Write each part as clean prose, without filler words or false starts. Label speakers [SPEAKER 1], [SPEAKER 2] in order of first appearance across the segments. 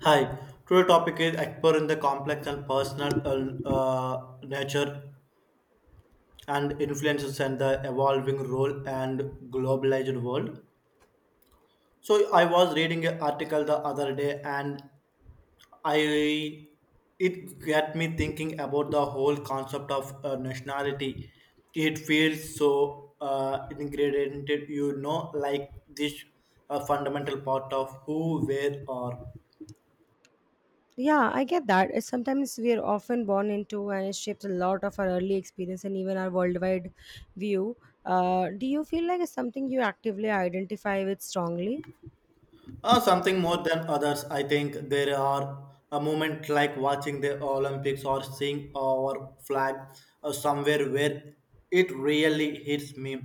[SPEAKER 1] Hi, today topic is exploring the complex and personal nature and influences and the evolving role and globalized world. So I was reading an article the other day and I it got me thinking about the whole concept of nationality. It feels so ingrained, you know, like this fundamental part of who, where, or
[SPEAKER 2] Yeah, I get that. It's sometimes we are often born into and it shapes a lot of our early experience and even our worldwide view. Do you feel like it's something you actively identify with strongly?
[SPEAKER 1] Something more than others. I think there are a moment like watching the Olympics or seeing our flag somewhere where it really hits me.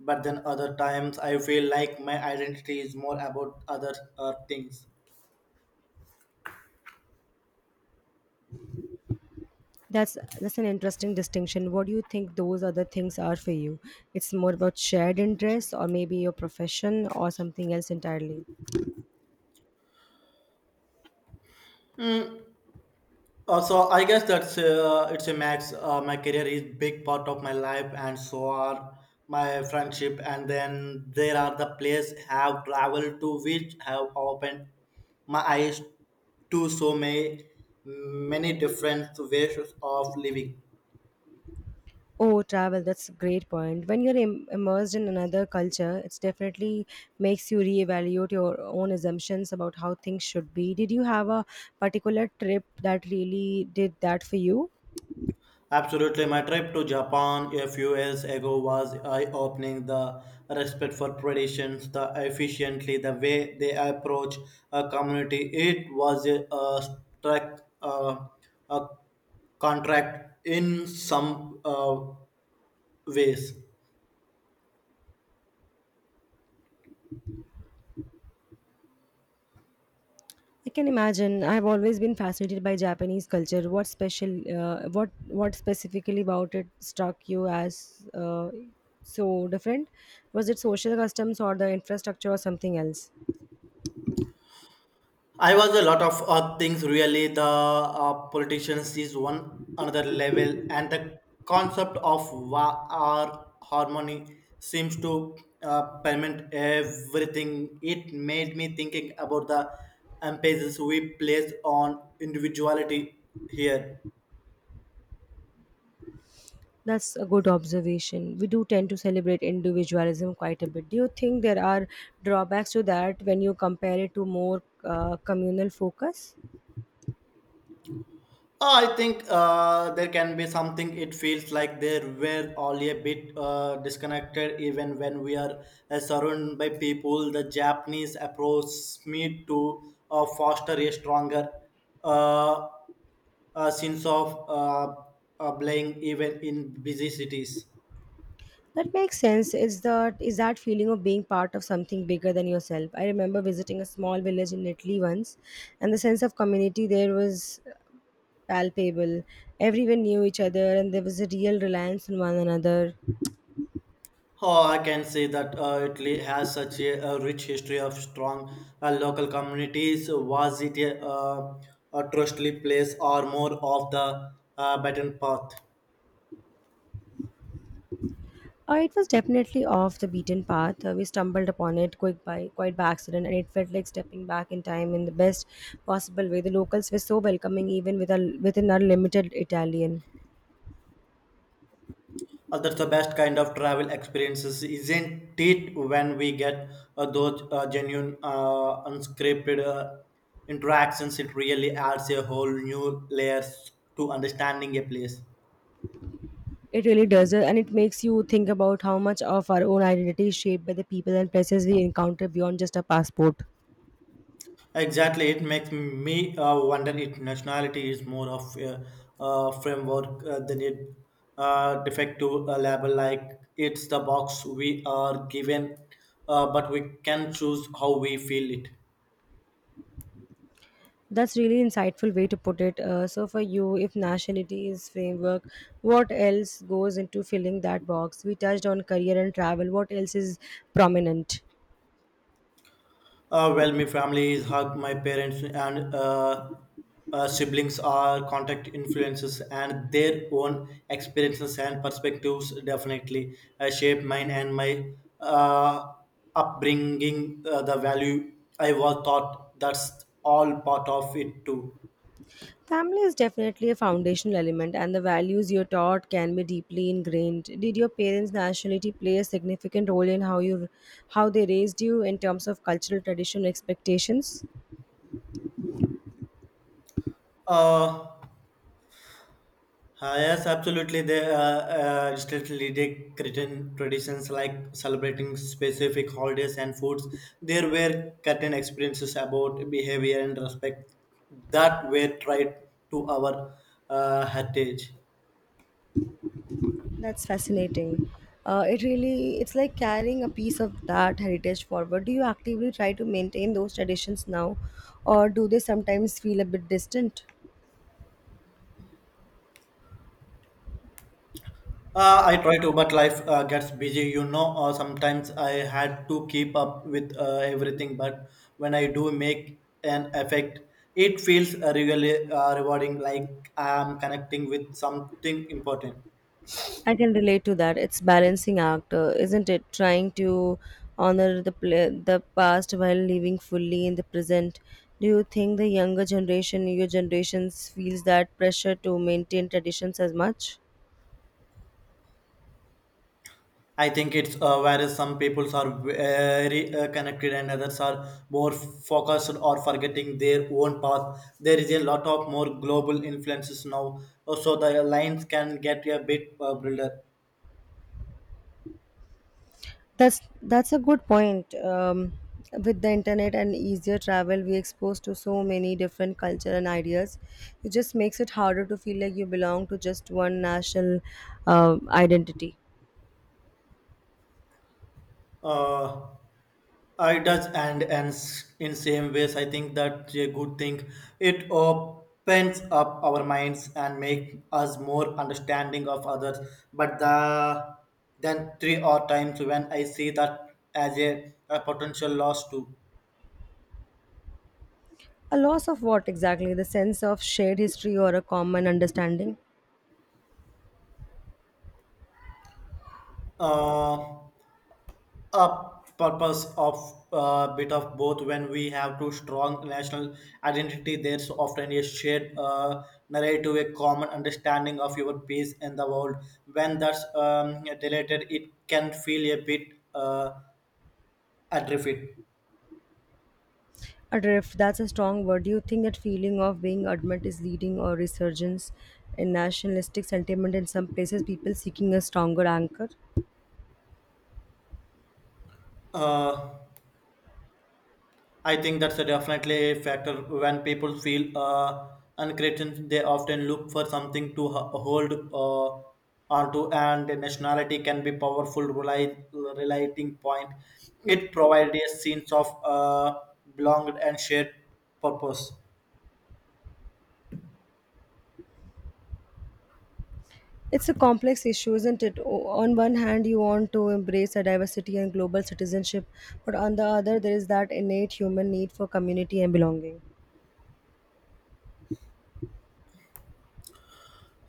[SPEAKER 1] But then other times I feel like my identity is more about other things.
[SPEAKER 2] That's an interesting distinction. What do you think those other things are for you? It's more about shared interests or maybe your profession or something else entirely.
[SPEAKER 1] Hmm. So I guess that's it's a max. My career is big part of my life, and so are my friendship. And then there are the place have traveled to, which have opened my eyes to so many different ways of living.
[SPEAKER 2] Oh, travel, that's a great point. When you're immersed in another culture, it's definitely makes you reevaluate your own assumptions about how things should be. Did you have a particular trip that really did that for you?
[SPEAKER 1] Absolutely. My trip to Japan a few years ago was eye-opening. The respect for traditions, the efficiently, the way they approach a community. It was a strike, a contract in some ways.
[SPEAKER 2] I can imagine. I've always been fascinated by Japanese culture. What special, what specifically about it struck you as uh, so different? Was it social customs or the infrastructure or something else?
[SPEAKER 1] I was a lot of things really. The politicians is one another level, and the concept of war or harmony seems to permeate everything. It made me thinking about the emphasis we place on individuality here.
[SPEAKER 2] That's a good observation. We do tend to celebrate individualism quite a bit. Do you think there are drawbacks to that when you compare it to more communal focus?
[SPEAKER 1] Oh, I think there can be something. It feels like there were only a bit disconnected, even when we are surrounded by people. The Japanese approach me to foster a stronger uh, uh, sense of uh, uh, belonging, even in busy cities.
[SPEAKER 2] That makes sense. Is that feeling of being part of something bigger than yourself? I remember visiting a small village in Italy once, and the sense of community there was palpable. Everyone knew each other, and there was a real reliance on one another.
[SPEAKER 1] Oh, I can see that Italy has such a rich history of strong local communities. Was it a trustly place or more of the beaten path?
[SPEAKER 2] It was definitely off the beaten path. We stumbled upon it quick by quite by accident, and it felt like stepping back in time in the best possible way. The locals were so welcoming, even with within our limited Italian.
[SPEAKER 1] That's the best kind of travel experiences, isn't it? When we get those genuine, unscripted interactions, it really adds a whole new layers to understanding a place.
[SPEAKER 2] It really does, and it makes you think about how much of our own identity is shaped by the people and places we encounter beyond just a passport.
[SPEAKER 1] Exactly, it makes me wonder if nationality is more of a framework than a defective label. Like it's the box we are given, but we can choose how we feel it.
[SPEAKER 2] That's really insightful way to put it. So for you, if nationality is framework, what else goes into filling that box? We touched on career and travel. What else is prominent?
[SPEAKER 1] Well, my family is hug my parents and siblings are contact influences and their own experiences and perspectives definitely shape mine and my uh, upbringing. The value I was taught that's all part of it too.
[SPEAKER 2] Family is definitely a foundational element, and the values you're taught can be deeply ingrained. Did your parents' nationality play a significant role in how they raised you in terms of cultural tradition expectations?
[SPEAKER 1] Uh, yes, absolutely. They strictly take certain traditions like celebrating specific holidays and foods. There were certain experiences about behavior and respect that were tied to our heritage.
[SPEAKER 2] That's fascinating. It really, it's like carrying a piece of that heritage forward. Do you actively try to maintain those traditions now, or do they sometimes feel a bit distant?
[SPEAKER 1] I try to, but life gets busy. You know, sometimes I had to keep up with everything, but when I do make an effect, it feels really rewarding, like I'm connecting with something important.
[SPEAKER 2] I can relate to that. It's balancing act, isn't it? Trying to honor the past while living fully in the present. Do you think the younger generation, your generations, feels that pressure to maintain traditions as much?
[SPEAKER 1] I think it's whereas some peoples are very connected and others are more focused or forgetting their own path. There is a lot of more global influences now, so the lines can get a bit blurred.
[SPEAKER 2] That's that's a good point. With the internet and easier travel, we exposed to so many different culture and ideas. It just makes it harder to feel like you belong to just one national identity.
[SPEAKER 1] Uh, it does, and ends in same ways, I think that's a good thing. It opens up our minds and make us more understanding of others. But the then three or times when I see that as a potential loss too.
[SPEAKER 2] A loss of what exactly? The sense of shared history or a common understanding?
[SPEAKER 1] Uh, a purpose of a bit of both when we have two strong national identity there's often a shared narrative a common understanding of your place in the world when that's deleted it can feel a bit uh, atrophied.
[SPEAKER 2] Adrift, that's a strong word. Do you think that feeling of being admit is leading or resurgence in nationalistic sentiment in some places, people seeking a stronger anchor?
[SPEAKER 1] uh, I think that's a definitely a factor when people feel uncertain. They often look for something to hold onto, and nationality can be powerful relating point. It provides a sense of belonged and shared purpose.
[SPEAKER 2] It's a complex issue, isn't it? On one hand, you want to embrace a diversity and global citizenship, but on the other, there is that innate human need for community and belonging.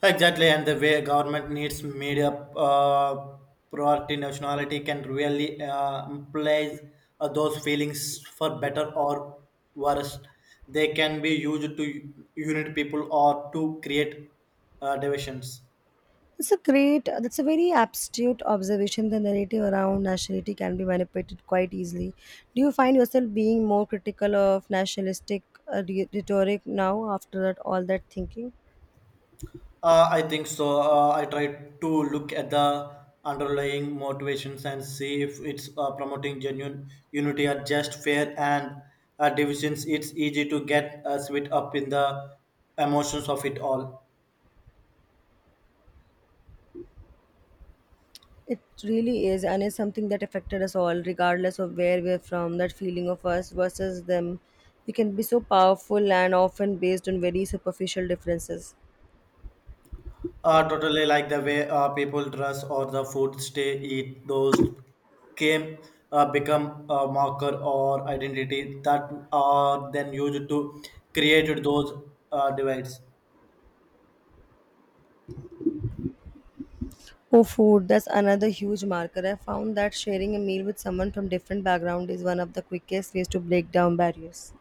[SPEAKER 1] Exactly, and the way government needs media priority nationality can really implies those feelings for better or worse. They can be used to unite people or to create divisions.
[SPEAKER 2] That's a very astute observation. The narrative around nationality can be manipulated quite easily. Do you find yourself being more critical of nationalistic rhetoric now after all that thinking?
[SPEAKER 1] I think so. I try to look at the underlying motivations and see if it's promoting genuine unity or just fair and divisions. It's easy to get swept up in the emotions of it all.
[SPEAKER 2] It really is, and it's something that affected us all, regardless of where we're from. That feeling of us versus them, we can be so powerful and often based on very superficial differences.
[SPEAKER 1] Totally like the way people dress or the food they eat. Those came become a marker or identity that are then used to create those divides.
[SPEAKER 2] Oh, food, that's another huge marker. I found that sharing a meal with someone from different background is one of the quickest ways to break down barriers.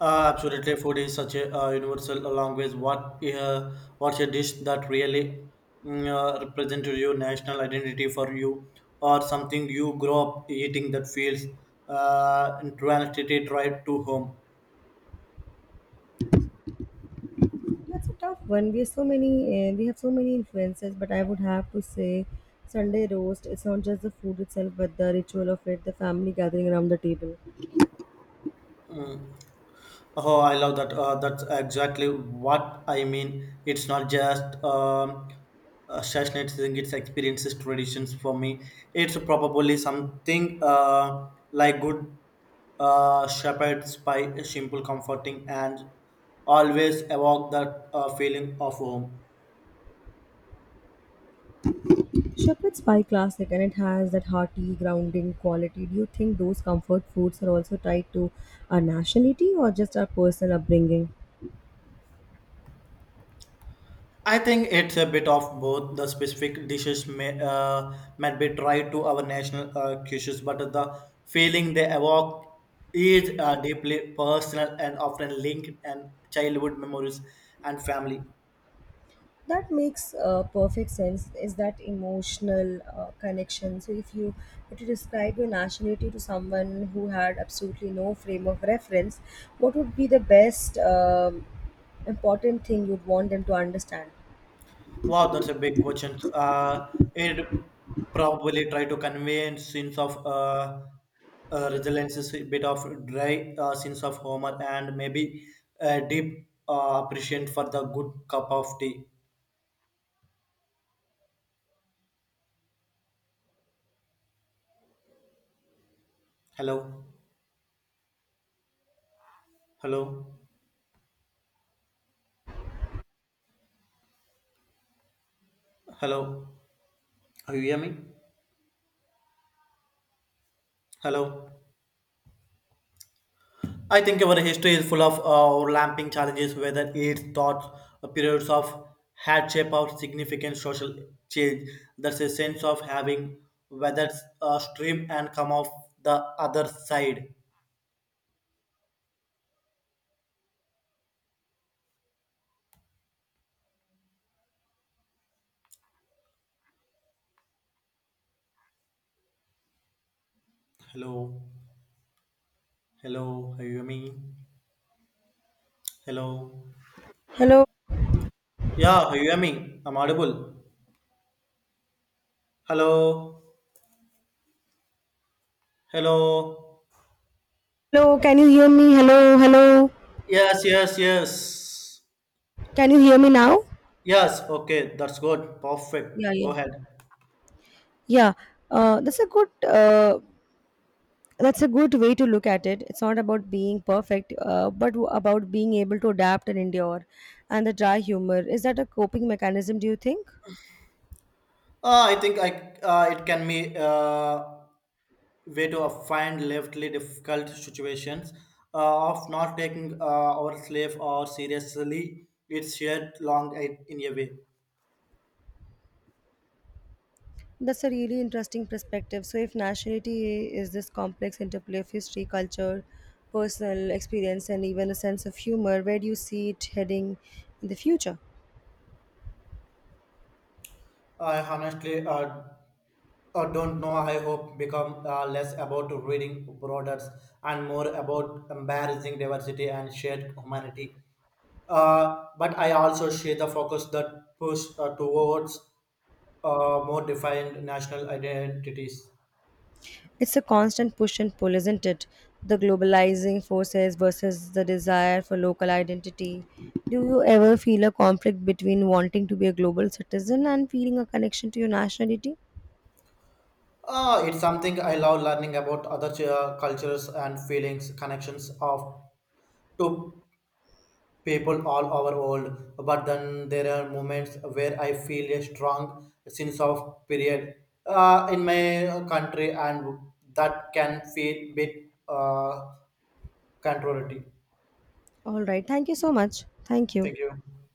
[SPEAKER 1] Absolutely, food is such a universal language. What's a dish that really represents your national identity for you, or something you grow up eating that feels intensity right to home?
[SPEAKER 2] That's a tough one. We have so many influences, but I would have to say Sunday roast, it's not just the food itself, but the ritual of it, the family gathering around the table.
[SPEAKER 1] Mm. Oh, I love that. That's exactly what I mean. It's not just session thing. It's experiences, traditions for me. It's probably something like good shepherd's pie, simple, comforting, and always evoke that feeling of home.
[SPEAKER 2] Shepherd's pie classic, and it has that hearty, grounding quality. Do you think those comfort foods are also tied to our nationality or just our personal upbringing?
[SPEAKER 1] I think it's a bit of both. The specific dishes may might be tried to our national cuisines, but the feeling they evoke is deeply personal and often linked and childhood memories and family.
[SPEAKER 2] That makes perfect sense is that emotional connection so if you were to describe your nationality to someone who had absolutely no frame of reference what would be the best important thing you'd want them to understand.
[SPEAKER 1] Wow, that's a big question. It probably try to convey scenes of resilience, is a bit of dry scenes of humor, and maybe a deep appreciation for the good cup of tea. Hello. Hello, hello, are you hear me? Hello. I think our history is full of overlapping challenges, whether it's thoughts, periods of hardship, or significant social change. There's a sense of having weathered a stream and come off the other side. Hello, hello, are you hear me? Hello.
[SPEAKER 2] Hello,
[SPEAKER 1] Yeah, are you hear me? I'm audible. Hello, hello.
[SPEAKER 2] hello, can you hear me? Hello, hello,
[SPEAKER 1] Yes, yes, yes.
[SPEAKER 2] can you hear me now?
[SPEAKER 1] Yes, okay, that's good.
[SPEAKER 2] Yeah
[SPEAKER 1] Perfect. Go
[SPEAKER 2] yeah
[SPEAKER 1] ahead.
[SPEAKER 2] Yeah, that's a good That's a good way to look at it. It's not about being perfect, but about being able to adapt and endure. And the dry humor is that a coping mechanism, do you think?
[SPEAKER 1] I think I it can be way to find leftly difficult situations of not taking our slave or seriously. It's shared long in a way.
[SPEAKER 2] That's a really interesting perspective. So, if nationality is this complex interplay of history, culture, personal experience, and even a sense of humor, where do you see it heading in the future?
[SPEAKER 1] I honestly don't know. I hope become less about reading products and more about embarrassing diversity and shared humanity. But I also share the focus that push towards more defined national identities.
[SPEAKER 2] It's a constant push and pull, isn't it? The globalizing forces versus the desire for local identity. Do you ever feel a conflict between wanting to be a global citizen and feeling a connection to your nationality?
[SPEAKER 1] It's something I love learning about other cultures and feelings, connections of to people all over world. But then there are moments where I feel a strong sense of period in my country, and that can feel bit controlled.
[SPEAKER 2] All right. Thank you so much. Thank you.
[SPEAKER 1] Thank you.